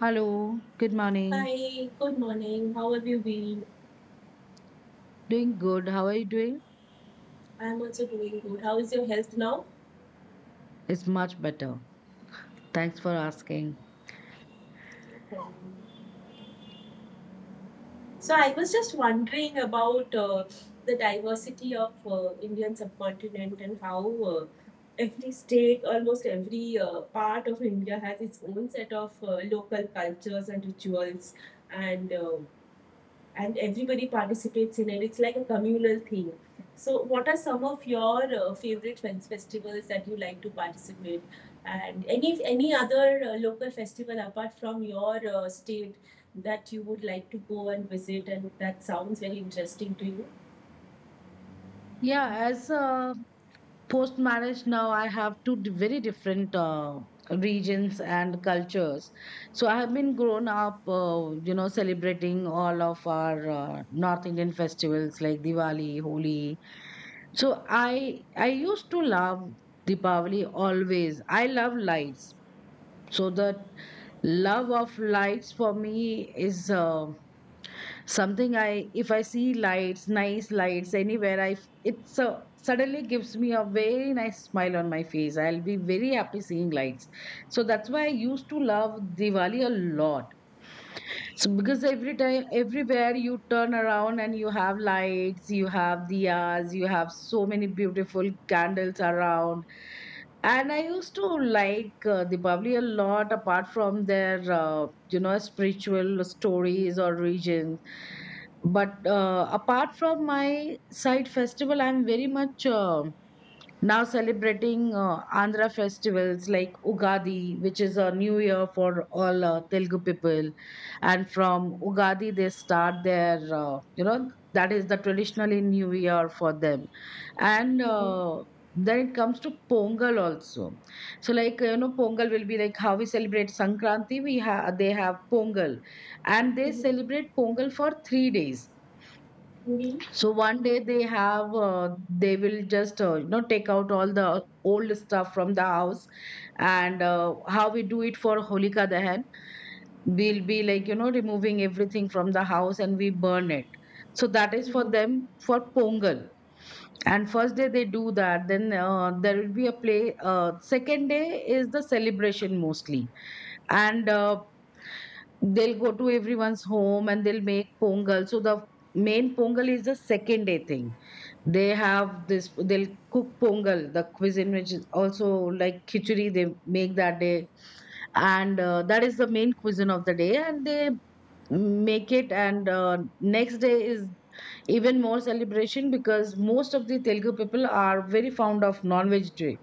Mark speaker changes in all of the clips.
Speaker 1: Hello, good morning.
Speaker 2: Hi, good morning. How have you been?
Speaker 1: Doing good. How are you doing?
Speaker 2: I'm also doing good. How is your health now?
Speaker 1: It's much better. Thanks for asking.
Speaker 2: So, I was just wondering about the diversity of Indian subcontinent and how uh, every state, almost every part of India, has its own set of local cultures and rituals, and uh, and everybody participates in it. It's like a communal thing. So, what are some of your favorite festivals that you like to participate? And any other local festival apart from your state that you would like to go and visit, and that sounds very interesting to you?
Speaker 1: Yeah, as post marriage now, I have two very different regions and cultures. So I have been grown up, celebrating all of our North Indian festivals like Diwali, Holi. So I used to love Deepavali always. I love lights. So the love of lights for me is something. I if i see lights, nice lights anywhere, it so suddenly gives me a very nice smile on my face. I'll be very happy seeing lights. So that's why I used to love Diwali a lot. So because every time, everywhere you turn around and you have lights, you have diyas, you have so many beautiful candles around. And I used to like Diwali a lot, apart from their, spiritual stories or regions. But apart from my side festival, I'm very much now celebrating Andhra festivals like Ugadi, which is a new year for all Telugu people. And from Ugadi, they start their, that is the traditionally new year for them. And
Speaker 2: Mm-hmm.
Speaker 1: then it comes to Pongal also. So, like, Pongal will be like how we celebrate Sankranti, they have Pongal. And they
Speaker 2: Mm-hmm.
Speaker 1: celebrate Pongal for 3 days.
Speaker 2: Mm-hmm.
Speaker 1: So one day they have, they will just, take out all the old stuff from the house. And how we do it for Holika Dahan, we'll be like, removing everything from the house and we burn it. So that is for
Speaker 2: Mm-hmm.
Speaker 1: them for Pongal. And first day they do that. Then there will be a play. Second day is the celebration mostly. And they'll go to everyone's home and they'll make pongal. So the main pongal is the second day thing. They have this, they'll cook pongal, the cuisine which is also like khichdi, they make that day. And that is the main cuisine of the day. And they make it. And next day is even more celebration because most of the Telugu people are very fond of non-veg day,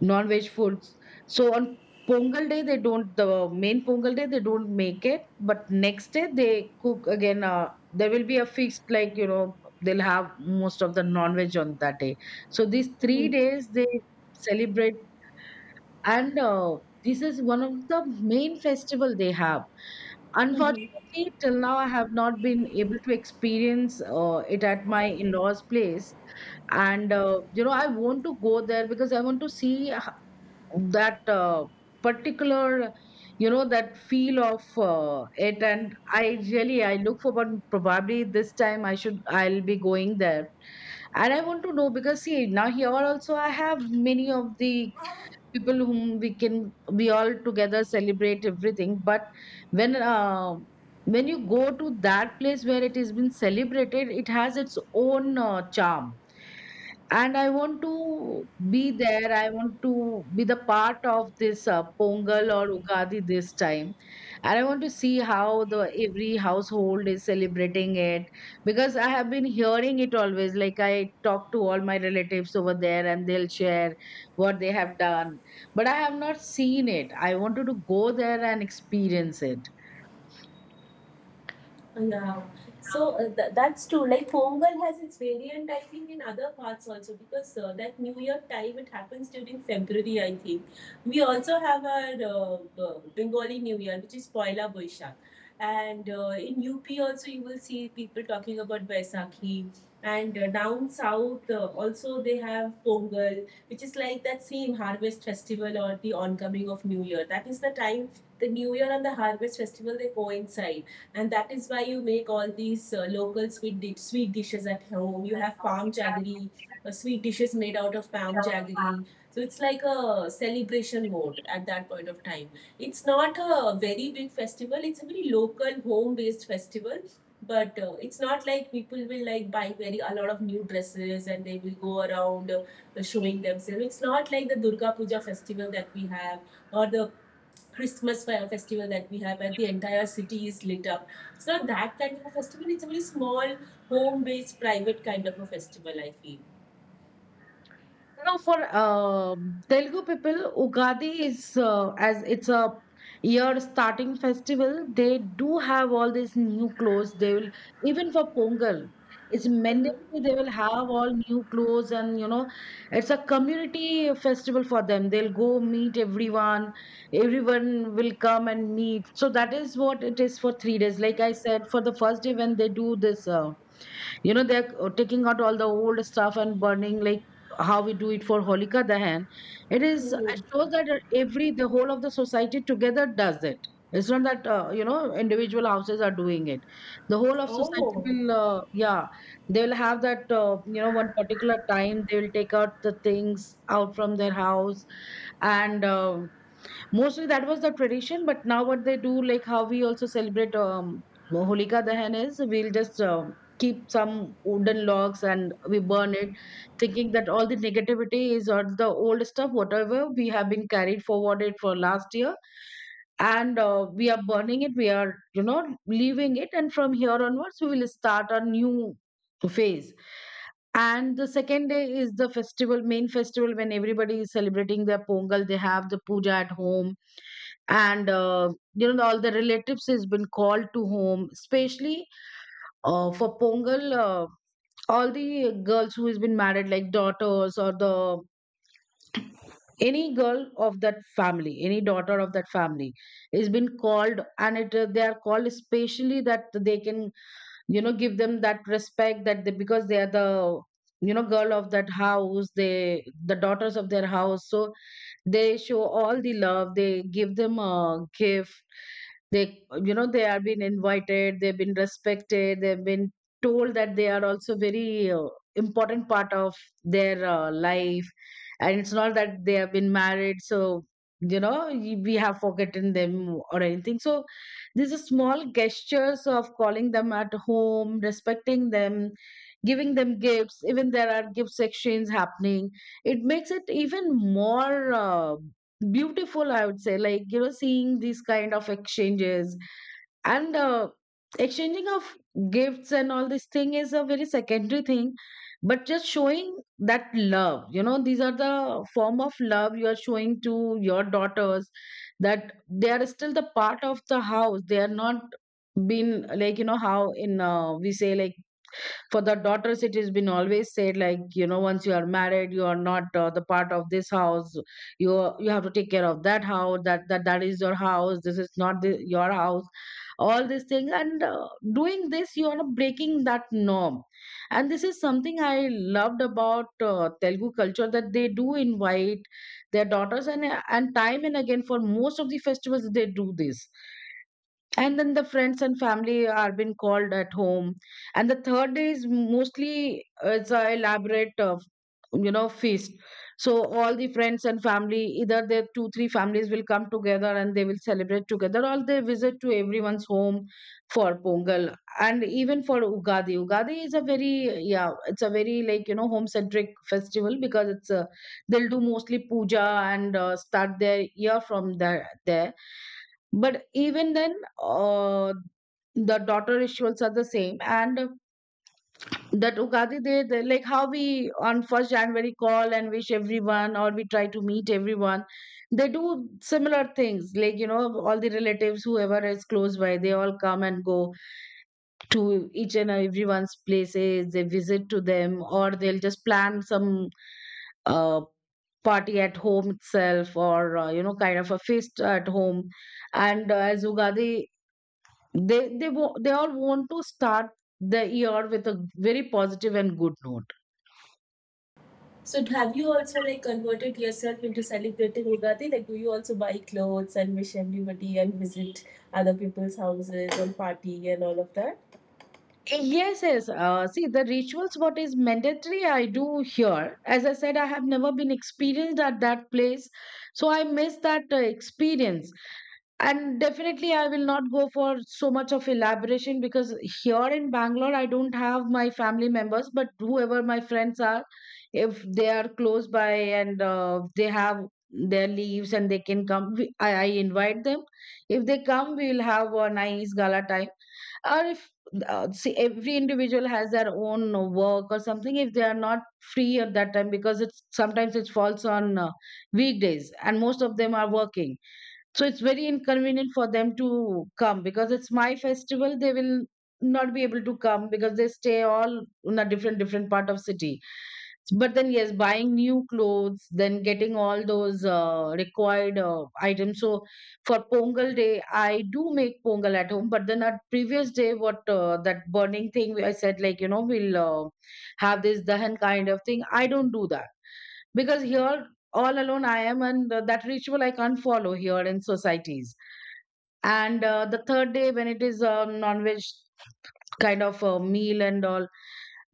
Speaker 1: non-veg foods. So on Pongal day they don't, the main Pongal day they don't make it, but next day they cook again. There will be a fixed, like they'll have most of the non-veg on that day. So these three
Speaker 2: Mm-hmm.
Speaker 1: days they celebrate. And this is one of the main festival they have.
Speaker 2: Mm-hmm.
Speaker 1: Unfortunately, till now I have not been able to experience it at my in-laws place. And I want to go there because I want to see that particular, that feel of it. And I really I look forward. Probably this time I'll be going there. And I want to know because, see, now here also I have many of the people whom we all together celebrate everything. But when uh, when you go to that place where it has been celebrated, it has its own charm. And I want to be there. I want to be the part of this pongal or ugadi this time. And I want to see how the every household is celebrating it, because I have been hearing it always, like, I talk to all my relatives over there and they'll share what they have done, but I have not seen it. I wanted to go there and experience it.
Speaker 2: Yeah, so that's true. Like Pongal has its variant, I think, in other parts also because that New Year time it happens during February, I think. We also have our Bengali New Year, which is Poila Boishak, and in UP also you will see people talking about Baisakhi, and down south also they have Pongal, which is like that same harvest festival or the oncoming of New Year. That is the time the New Year and the harvest festival they coincide, and that is why you make all these local sweet dishes at home. You have palm jaggery, sweet dishes made out of palm jaggery. So it's like a celebration mode at that point of time. It's not a very big festival. It's a very local, home-based festival. But it's not like people will like buy very a lot of new dresses and they will go around showing themselves. It's not like the Durga Puja festival that we have, or the Christmas fire festival that we have, where the entire city is lit up. It's not that kind of a festival. It's a very small, home-based, private kind of a festival, I feel.
Speaker 1: For Telugu people, Ugadi is, as it's a year starting festival, they do have all these new clothes. They will, even for Pongal, it's mandatory. They will have all new clothes, and it's a community festival for them. They'll go meet everyone. Everyone will come and meet. So that is what it is for 3 days. Like I said, for the first day when they do this. They're taking out all the old stuff and burning, like how we do it for Holika Dahan. It is
Speaker 2: Hmm.
Speaker 1: it shows that every, the whole of the society, together does it. It's not that individual houses are doing it. The whole of society
Speaker 2: Oh,
Speaker 1: will, yeah, they will have that one particular time they will take out the things out from their house. And mostly that was the tradition, but now what they do, like how we also celebrate Holika Dahan, is we'll just keep some wooden logs and we burn it, thinking that all the negativity is on the old stuff, whatever we have been carried forwarded for last year. And we are burning it, we are, leaving it. And from here onwards, we will start a new phase. And the second day is the festival, main festival when everybody is celebrating their Pongal. They have the puja at home, and all the relatives has been called to home, especially for Pongal. All the girls who has been married, like daughters, or the any girl of that family, any daughter of that family, is been called. And it, they are called especially that they can, give them that respect, that they, because they are the, girl of that house, they the daughters of their house. So they show all the love, they give them a gift. They, they are been invited, they've been respected, they've been told that they are also very important part of their life. And it's not that they have been married, so we have forgotten them or anything. So these are small gestures of calling them at home, respecting them, giving them gifts. Even there are gifts exchange happening. It makes it even more beautiful, I would say. Like, seeing these kind of exchanges and exchanging of gifts, and all this thing is a very secondary thing. But just showing that love, these are the form of love you are showing to your daughters, that they are still the part of the house, they are not been, like, you know how in, we say, like, for the daughters it has been always said like once you are married, you are not the part of this house. You have to take care of that house, that, that is your house. This is not your house, all these things. And doing this, you are breaking that norm. And this is something I loved about telugu culture, that they do invite their daughters. And time and again, for most of the festivals, they do this. And then the friends and family are being called at home. And the third day is mostly, it's a elaborate, feast. So all the friends and family, either their two three families will come together and they will celebrate together, or they visit to everyone's home for pongal. And even for ugadi is a very, yeah it's a very, like, home centric festival, because it's a, they'll do mostly puja. And start their year from there. But even then, uh, the daughter rituals are the same. And that Ugadi Day, they, like how we on 1st January call and wish everyone or we try to meet everyone, they do similar things. Like, all the relatives, whoever is close by, they all come and go to each and everyone's places. They visit to them or they'll just plan some uh, party at home itself, or, kind of a feast at home. And as Ugadi, they all want to start the year with a very positive and good note.
Speaker 2: so have you also like converted yourself into celebrating Ugadi? Like, do you also buy clothes and wish everybody and visit other people's houses and party and all of that?
Speaker 1: Yes, yes. See, the rituals, what is mandatory, I do here. As I said, I have never been experienced at that place. So I miss that experience. And definitely, I will not go for so much of elaboration, because here in Bangalore, I don't have my family members, but whoever my friends are, if they are close by and they have their leaves and they can come, I invite them. If they come, we will have a nice gala time, or if see, every individual has their own work or something. If they are not free at that time, because it's sometimes it falls on weekdays and most of them are working, so it's very inconvenient for them to come because it's my festival, they will not be able to come because they stay all in a different different part of city. But then, yes, buying new clothes, then getting all those required items. So for Pongal day, I do make Pongal at home. But then at previous day, what that burning thing, where I said, we'll have this Dahan kind of thing. I don't do that because here, all alone I am, and that ritual I can't follow here in societies. And the third day, when it is a non veg kind of a meal and all,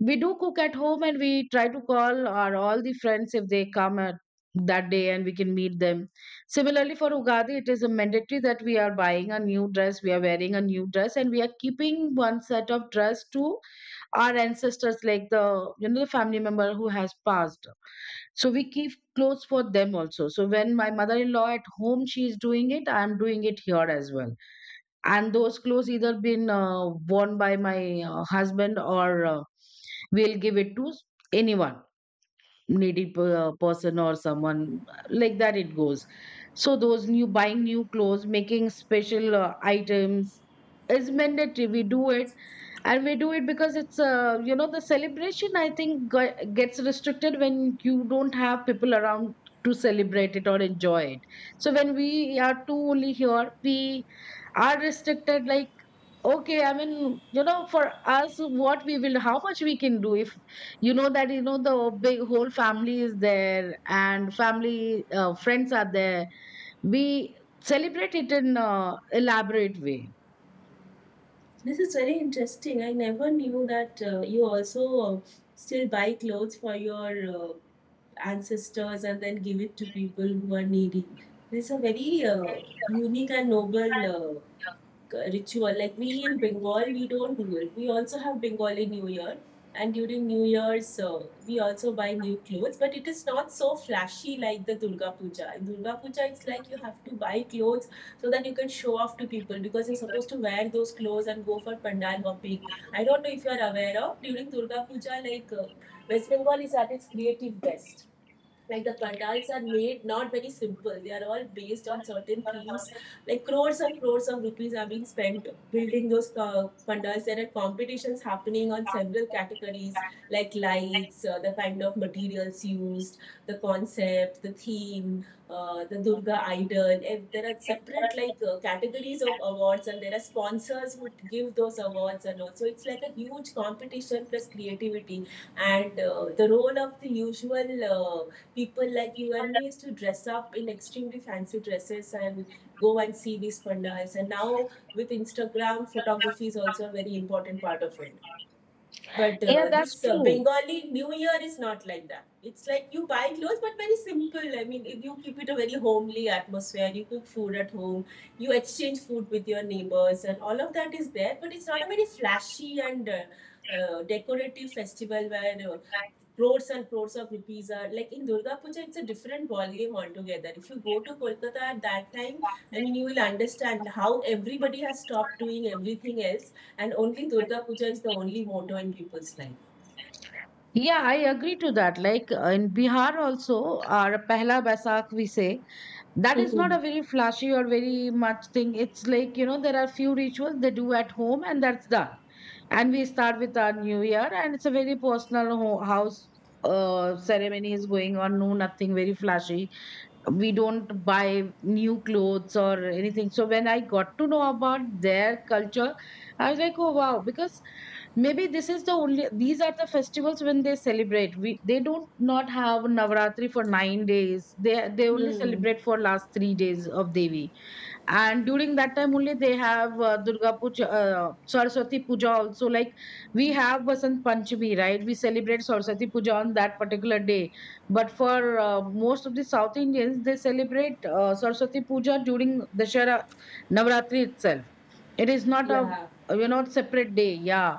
Speaker 1: we do cook at home and we try to call our all the friends if they come at that day and we can meet them. Similarly, for ugadi, it is a mandatory that we are buying a new dress, we are wearing a new dress, and we are keeping one set of dress to our ancestors, like the, the family member who has passed. So we keep clothes for them also. So when my mother-in-law at home, she is doing it, I am doing it here as well. And those clothes either been worn by my husband, or we'll give it to anyone needy person, or someone like that, it goes. So those new, buying new clothes, making special items is mandatory, we do it. And we do it because it's, the celebration, I think gets restricted when you don't have people around to celebrate it or enjoy it. So when we are two only here, we are restricted, like, okay, I mean, for us, what we will, how much we can do. If, you know, the big whole family is there and family friends are there, we celebrate it in elaborate way.
Speaker 2: This is very interesting. I never knew that you also still buy clothes for your ancestors and then give it to people who are needy. There's a very unique and noble ritual. Like, we in Bengal, we don't do it. We also have Bengali New Year, and during New Year's, we also buy new clothes. But it is not so flashy like the Durga Puja. In Durga Puja, it's like you have to buy clothes so that you can show off to people, because you're supposed to wear those clothes and go for pandal hopping. I don't know if you are aware, of during Durga Puja, like, West Bengal is at its creative best, like the pandals are made not very simple, they are all based on certain themes, like crores and crores of rupees are being spent building those pandals. There are competitions happening on several categories, like lights, the kind of materials used, the concept, the theme, the Durga idol, and there are separate, like, categories of awards, and there are sponsors who give those awards, and also it's like a huge competition plus creativity. And the role of the usual, uh, people like you and me, used to dress up in extremely fancy dresses and go and see these pandals. And now with Instagram, photography is also a very important part of it. But
Speaker 1: Yeah, that's
Speaker 2: this
Speaker 1: true.
Speaker 2: Bengali New Year is not like that. It's like you buy clothes, but very simple. I mean, if you keep it a very homely atmosphere. You cook food at home. You exchange food with your neighbors, and all of that is there. But it's not a very flashy and decorative festival where crores and crores of rupees are, like in Durga Puja, it's a different ballgame altogether. If you go to Kolkata at that time, I mean, you will understand how everybody has stopped doing everything else, and only Durga Puja is the only motto in people's life.
Speaker 1: Yeah, I agree to that. Like, in Bihar also, our Pehla Basak we say, that is not
Speaker 2: Hmm.
Speaker 1: a very flashy or very much thing. It's like, there are few rituals they do at home, and that's done. And we start with our new year, and it's a very personal house ceremony is going on, no, nothing very flashy. We don't buy new clothes or anything. So when I got to know about their culture, I was like, oh wow, because maybe this is the only, these are the festivals when they celebrate. We, they don't, not have Navaratri for 9 days. They only celebrate for last 3 days of Devi, and during that time only they have Durga Puja, Saraswati Puja also. Like, we have Basant Panchami, right? We celebrate Saraswati Puja on that particular day. But for most of the South Indians, they celebrate Saraswati Puja during the Navratri itself. It is not a,
Speaker 2: Yeah.
Speaker 1: separate day. Yeah,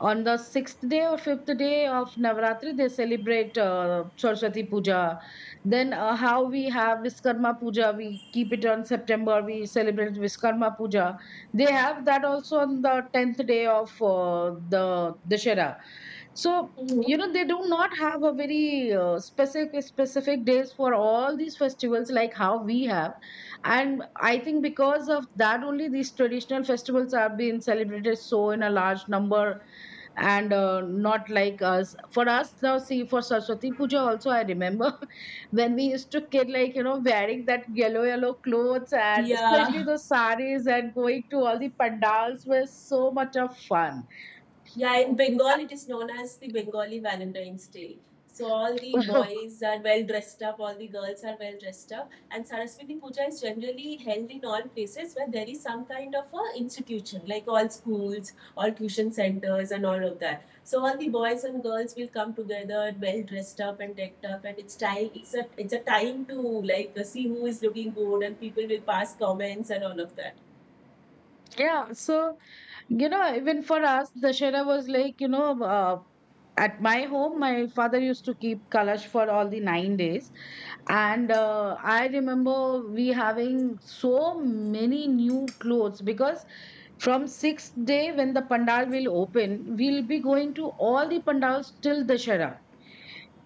Speaker 1: on the sixth day or fifth day of Navratri, they celebrate Saraswati Puja. Then, how we have Viskarma Puja, we keep it on September, we celebrate Viskarma Puja. They have that also on the 10th day of the Dashera. So,
Speaker 2: Hmm.
Speaker 1: they do not have a very specific days for all these festivals like how we have. And I think because of that only, these traditional festivals are being celebrated so in a large number. And not like us, for us now, see, for Saraswati Puja also, I remember when we used to kid, like, wearing that yellow yellow clothes and especially
Speaker 2: Yeah.
Speaker 1: those saris and going to all the pandals were so much of fun.
Speaker 2: Yeah, in Bengal, it is known as the Bengali Valentine's Day. So all the boys are well dressed up, all the girls are well dressed up, and Saraswati Puja is generally held in all places where there is some kind of a institution, like all schools, all tuition centers, and all of that. So all the boys and girls will come together, well dressed up and decked up, and it's time. It's a time to, like, see who is looking good, and people will pass comments and all of that.
Speaker 1: Yeah, so, you know, even for us, Dashera was like, at my home, my father used to keep Kalash for all the 9 days. And I remember we having so many new clothes because from sixth day when the pandal will open, we'll be going to all the pandals till Dashera.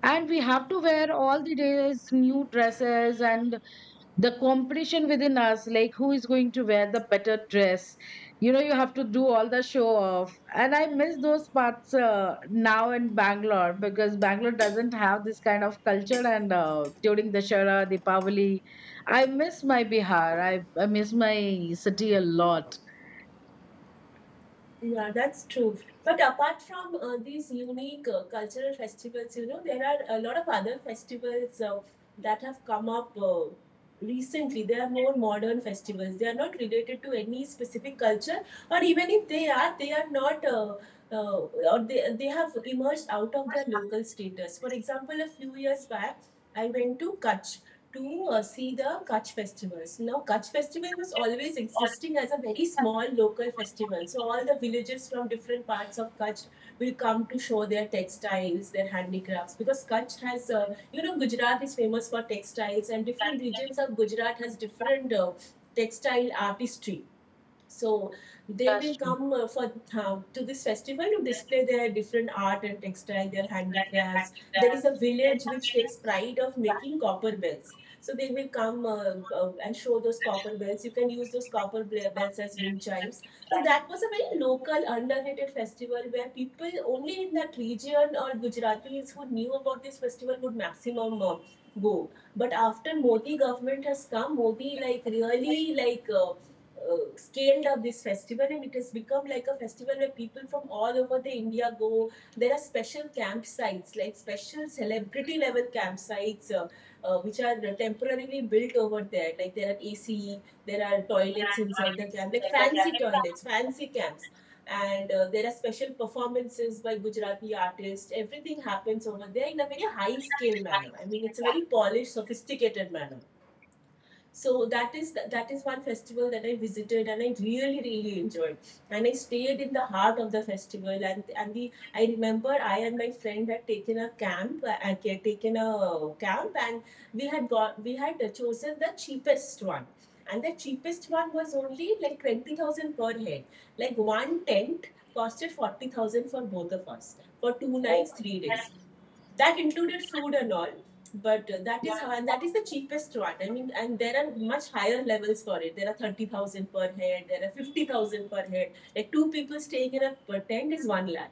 Speaker 1: And we have to wear all the days new dresses, and the competition within us, like, who is going to wear the better dress. You have to do all the show off, and I miss those parts now in Bangalore, because Bangalore doesn't have this kind of culture. And during the Shara Dipavali, I miss my Bihar. I miss my city a lot.
Speaker 2: Yeah, that's true. But apart from these unique cultural festivals, you know, there are a lot of other festivals that have come up recently. They are more modern festivals. They are not related to any specific culture, or even if they are, they are not, or they have emerged out of their local status. For example, a few years back, I went to Kutch to see the Kutch festivals. Now, Kutch festival was always existing as a very small local festival. So, all the villages from different parts of Kutch will come to show their textiles, their handicrafts, because Kutch has, Gujarat is famous for textiles, and different regions of Gujarat has different textile artistry. So they will
Speaker 1: That's true.
Speaker 2: come for to this festival to display their different art and textile, their handicrafts. There is a village which takes pride of making copper bells. So they will come and show those copper bells. You can use those copper bells as wind chimes. So that was a very local, underrated festival where people only in that region, or Gujaratis who knew about this festival, would maximum go. But after Modi government has come, Modi, like, really, like, scaled up this festival, and it has become like a festival where people from all over the India go. There are special campsites, like special celebrity level campsites, which are temporarily built over there, like there are AC, there are toilets inside the camp, like fancy toilets, fancy camps. And there are special performances by Gujarati artists. Everything happens over there in a very high scale manner. I mean, it's a very polished, sophisticated manner. So that is one festival that I visited, and I really really enjoyed. And I stayed in the heart of the festival, and the I remember, I and my friend had taken a camp had taken a camp. And we had chosen the cheapest one, and the cheapest one was only like 20,000 per head. Like, one tent costed 40,000 for both of us, for 2 nights 3 days, that included food and all. But that is how, and that is the cheapest one, I mean, and there are much higher levels for it. There are 30,000 per head, there are 50,000 per head, like two people staying in a per tent is 1 lakh.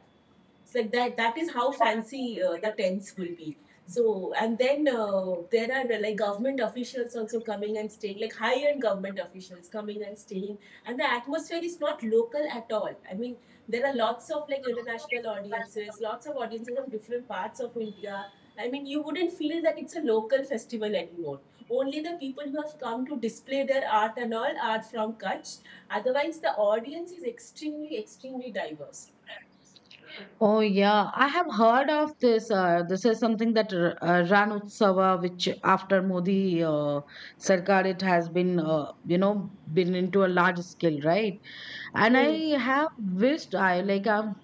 Speaker 2: It's like that. That is how fancy the tents will be. So, and then there are, like, government officials also coming and staying, like high-end government officials coming and staying, and the atmosphere is not local at all. I mean, there are lots of like international audiences, lots of audiences from different parts of India. I mean, you wouldn't feel that it's a local festival anymore. Only the people who have come to display their art and all are from Kutch. Otherwise, the audience is extremely, extremely diverse.
Speaker 1: Oh yeah, I have heard of this. This is something that Ran Utsava, which after Modi Sarkar, it has been, been into a large scale, right? And I
Speaker 2: Hmm.
Speaker 1: have wished, I like I've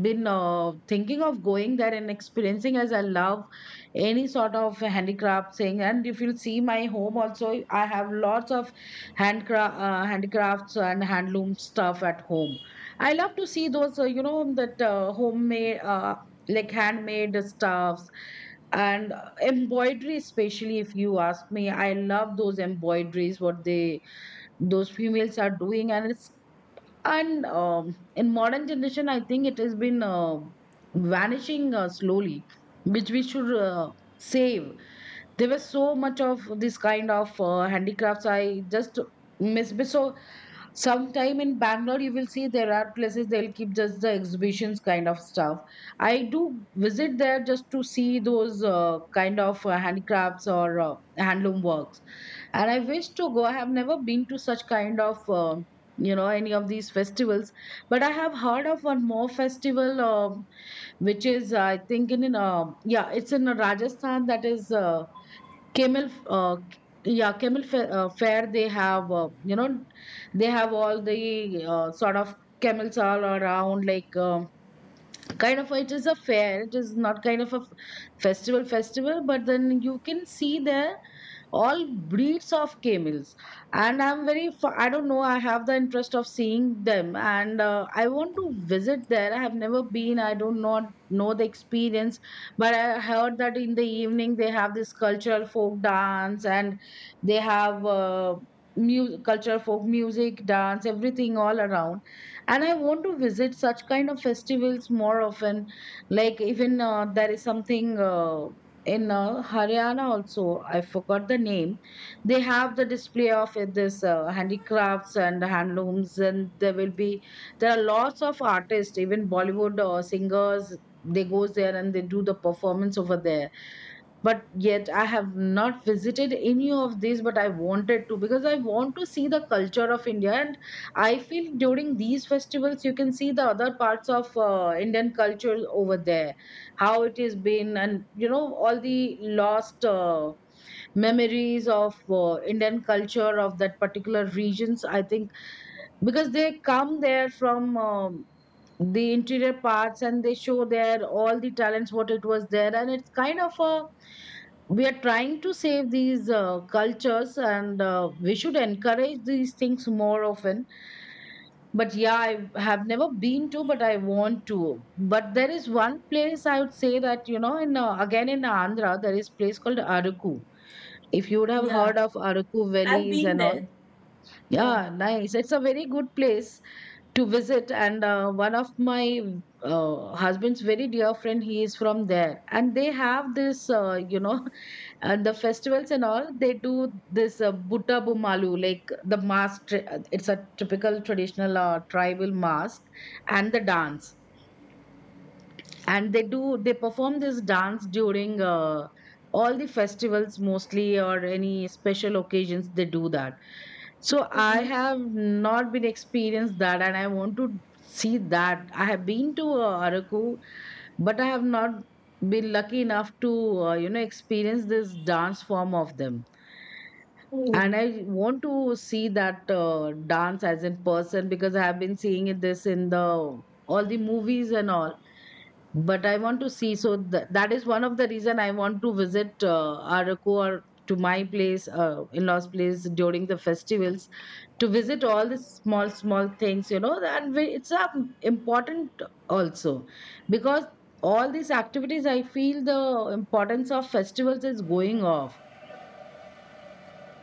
Speaker 1: been thinking of going there and experiencing, as I love any sort of handicraft thing. And if you'll see my home also, I have lots of handicrafts and handloom stuff at home. I love to see those, that homemade, like handmade stuffs, and embroidery, especially if you ask me, I love those embroideries what they, those females are doing. And it's, and in modern generation, I think it has been vanishing slowly, which we should save. There was so much of this kind of handicrafts, I just so sometime in Bangalore, you will see there are places they'll keep just the exhibitions kind of stuff. I do visit there just to see those kind of handicrafts or handloom works. And I wish to go, I have never been to such kind of any of these festivals. But I have heard of one more festival, which is, I think, in yeah, it's in Rajasthan, that is, camel, uh, yeah, camel fair, fair they have, they have all the sort of camels all around, like, kind of, it is a fair, it is not kind of a festival festival, but then you can see there all breeds of camels. And I'm very I don't know, I have the interest of seeing them, and I want to visit there. I have never been, I don't know the experience, but I heard that in the evening they have this cultural folk dance, and they have cultural folk music, dance, everything all around. And I want to visit such kind of festivals more often. Like, even there is something in Haryana also, I forgot the name. They have the display of this handicrafts and handlooms, and there will be, there are lots of artists, even Bollywood singers. They goes there and they do the performance over there. But yet I have not visited any of these, but I wanted to, because I want to see the culture of India. And I feel during these festivals, you can see the other parts of Indian culture over there, how it has been. And, all the lost memories of Indian culture of that particular regions, I think, because they come there from the interior parts, and they show their all the talents what it was there. And it's kind of a, we are trying to save these cultures, and we should encourage these things more often. But yeah, I have never been to, but I want to. But there is one place, I would say that, in again in Andhra, there is place called Araku. If you would have
Speaker 2: Yeah.
Speaker 1: heard of Araku
Speaker 2: I've
Speaker 1: valleys
Speaker 2: been
Speaker 1: and all.
Speaker 2: there. Yeah.
Speaker 1: Yeah, nice. It's a very good place to visit. And one of my husband's very dear friend, he is from there, and they have this, and the festivals and all, they do this butta bumalu, like the mask it's a typical traditional tribal mask and the dance. And they do, they perform this dance during all the festivals mostly, or any special occasions they do that. So I
Speaker 2: Mm-hmm.
Speaker 1: have not been experienced that, and I want to see that. I have been to Araku, but I have not been lucky enough to experience this dance form of them. And
Speaker 2: Hmm.
Speaker 1: I want to see that dance as in person, because I have been seeing it this in the all the movies and all. But I want to see. So that is one of the reason I want to visit Araku, or to my place, in-laws' place during the festivals, to visit all the small small things, you know. And we, it's important also, because all these activities, I feel the importance of festivals is going off.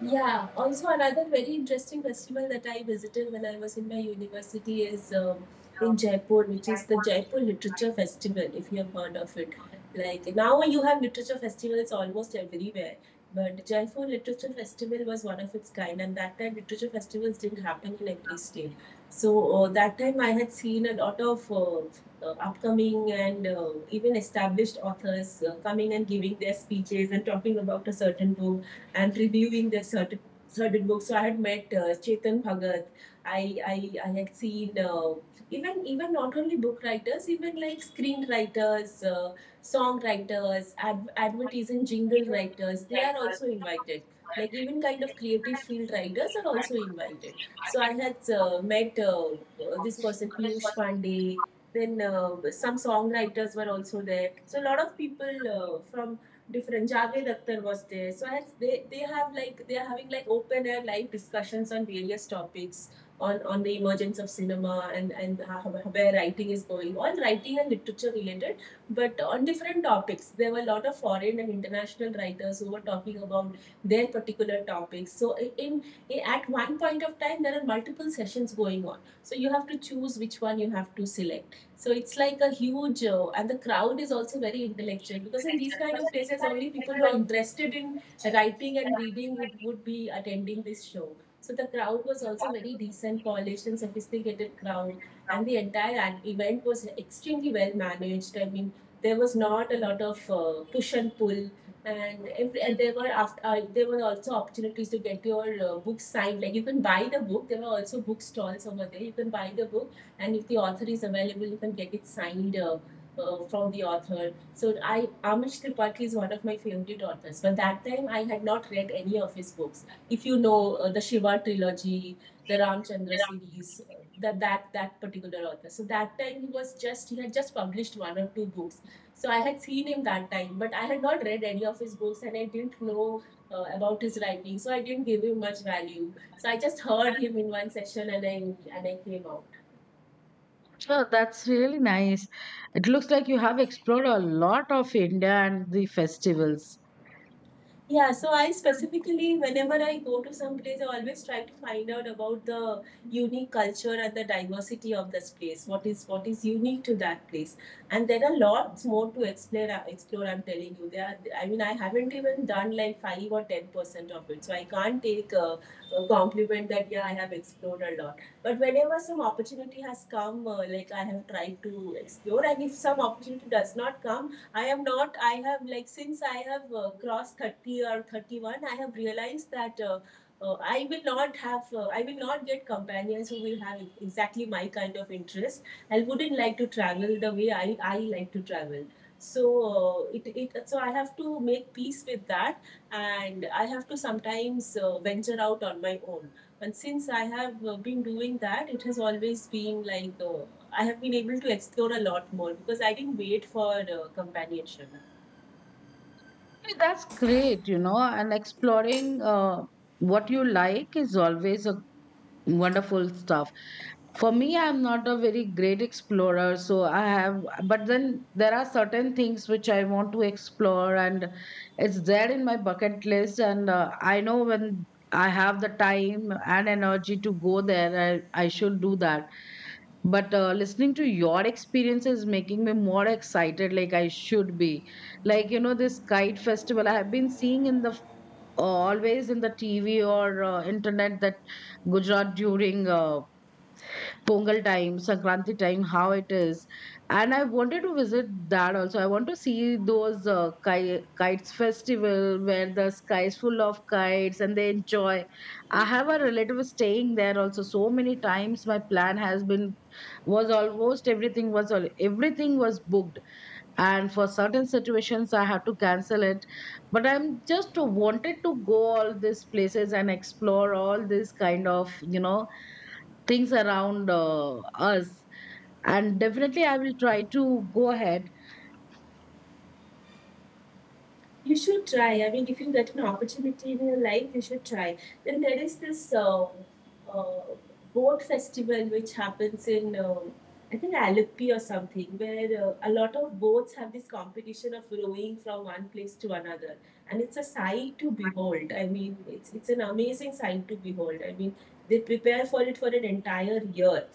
Speaker 2: Yeah, also another very interesting festival that I visited when I was in my university is, in Jaipur, which is the Jaipur Literature Festival, if you have heard of it. Like, now you have literature festivals almost everywhere, but Jaipur Literature Festival was one of its kind, and that time literature festivals didn't happen in every state. So that time I had seen a lot of upcoming and even established authors coming and giving their speeches and talking about a certain book and reviewing their certain books. So I had met Chetan Bhagat. I I had seen even not only book writers, even like screenwriters, songwriters, advertising jingle writers. They are also invited. Like even kind of creative field writers are also invited. So I had met this person Piyush Pandey. Then some songwriters were also there. So a lot of people from different Javed Akhtar was there. So they have like they are having like open air live discussions on various topics on the emergence of cinema and how, where writing is going, all writing and literature related, but on different topics. There were a lot of foreign and international writers who were talking about their particular topics. So in, in at one point of time, there are multiple sessions going on. So you have to choose which one you have to select. So it's like a huge, and the crowd is also very intellectual, because in these kind of places, only people who are interested in writing and reading would be attending this show. So the crowd was also very decent, polished, and sophisticated crowd, and the entire event was extremely well managed. I mean, there was not a lot of push and pull, and, every, and there were after there were also opportunities to get your books signed. Like you can buy the book. There were also book stalls over there. You can buy the book, and if the author is available, you can get it signed from the author. So I Amish Tripathi is one of my favorite authors. But that time I had not read any of his books. If you know the Shiva trilogy, the Ramchandra series, that particular author. So that time he had just published one or two books. So I had seen him that time, but I had not read any of his books and I didn't know. About his writing, so I didn't give him much value. So I just heard him in one session, and I came out.
Speaker 1: Sure, that's really nice. It looks like you have explored a lot of India and the festivals.
Speaker 2: Yeah, so I specifically, whenever I go to some place, I always try to find out about the unique culture and the diversity of this place. What is unique to that place? And there are lots more to explore. Explore, I'm telling you. There, are, I mean, I haven't even done like 5 or 10% of it, so I can't take a compliment that yeah, I have explored a lot. But whenever some opportunity has come, like I have tried to explore, and if some opportunity does not come, I am not, I have, like, since I have crossed 30 or 31, I have realized that I will not have, I will not get companions who will have exactly my kind of interest. I wouldn't like to travel the way I like to travel. So it, it so I have to make peace with that, and I have to sometimes venture out on my own, and since I have been doing that, it has always been like I have been able to explore a lot more because I didn't wait for companionship.
Speaker 1: Hey, that's great, you know. And exploring what you like is always a wonderful stuff. For me, I'm not a very great explorer, so I have, but then there are certain things which I want to explore, and it's there in my bucket list. And I know when I have the time and energy to go there, I should do that. But listening to your experience is making me more excited, like I should be. Like, this kite festival I have been seeing in the, always in the TV or internet, that Gujarat during Pongal time, Sankranti time, how it is. And I wanted to visit that also. I want to see those kites festival where the sky is full of kites and they enjoy. I have a relative staying there also. So many times my plan has been, was almost everything was everything was booked, and for certain situations I have to cancel it. But I'm just wanted to go all these places and explore all these kind of, things around us. And definitely I will try to go ahead.
Speaker 2: You should try. I mean, if you get an opportunity in your life, you should try. Then there is this uh, boat festival which happens in, I think, Alippi or something, where a lot of boats have this competition of rowing from one place to another. And it's a sight to behold. I mean, it's an amazing sight to behold. I mean, they prepare for it for an entire year.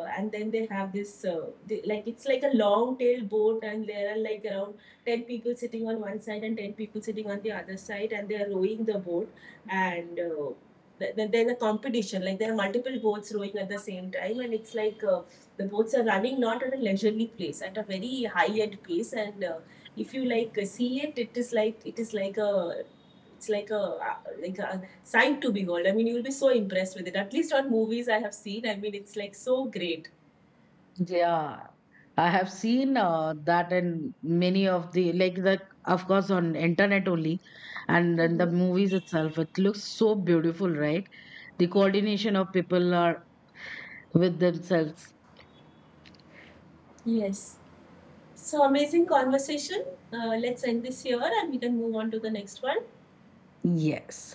Speaker 2: And then they have this, it's like a long tail boat, and there are like around 10 people sitting on one side and 10 people sitting on the other side and they're rowing the boat, and there's a competition, like there are multiple boats rowing at the same time, and it's like the boats are running not at a leisurely pace, at a very high end pace, and if you like see it, it is like a it's like a uh, like a sight to behold. I mean, you will be so impressed with it. At least on movies I have seen, I mean, it's like so great.
Speaker 1: Yeah, I have seen that in many of the, like the, of course on internet only, and in the
Speaker 2: Mm-hmm.
Speaker 1: movies itself it looks so beautiful, right? The coordination of people are with themselves.
Speaker 2: Yes. So amazing conversation. Let's end this here and we can move on to the next one.
Speaker 1: Yes.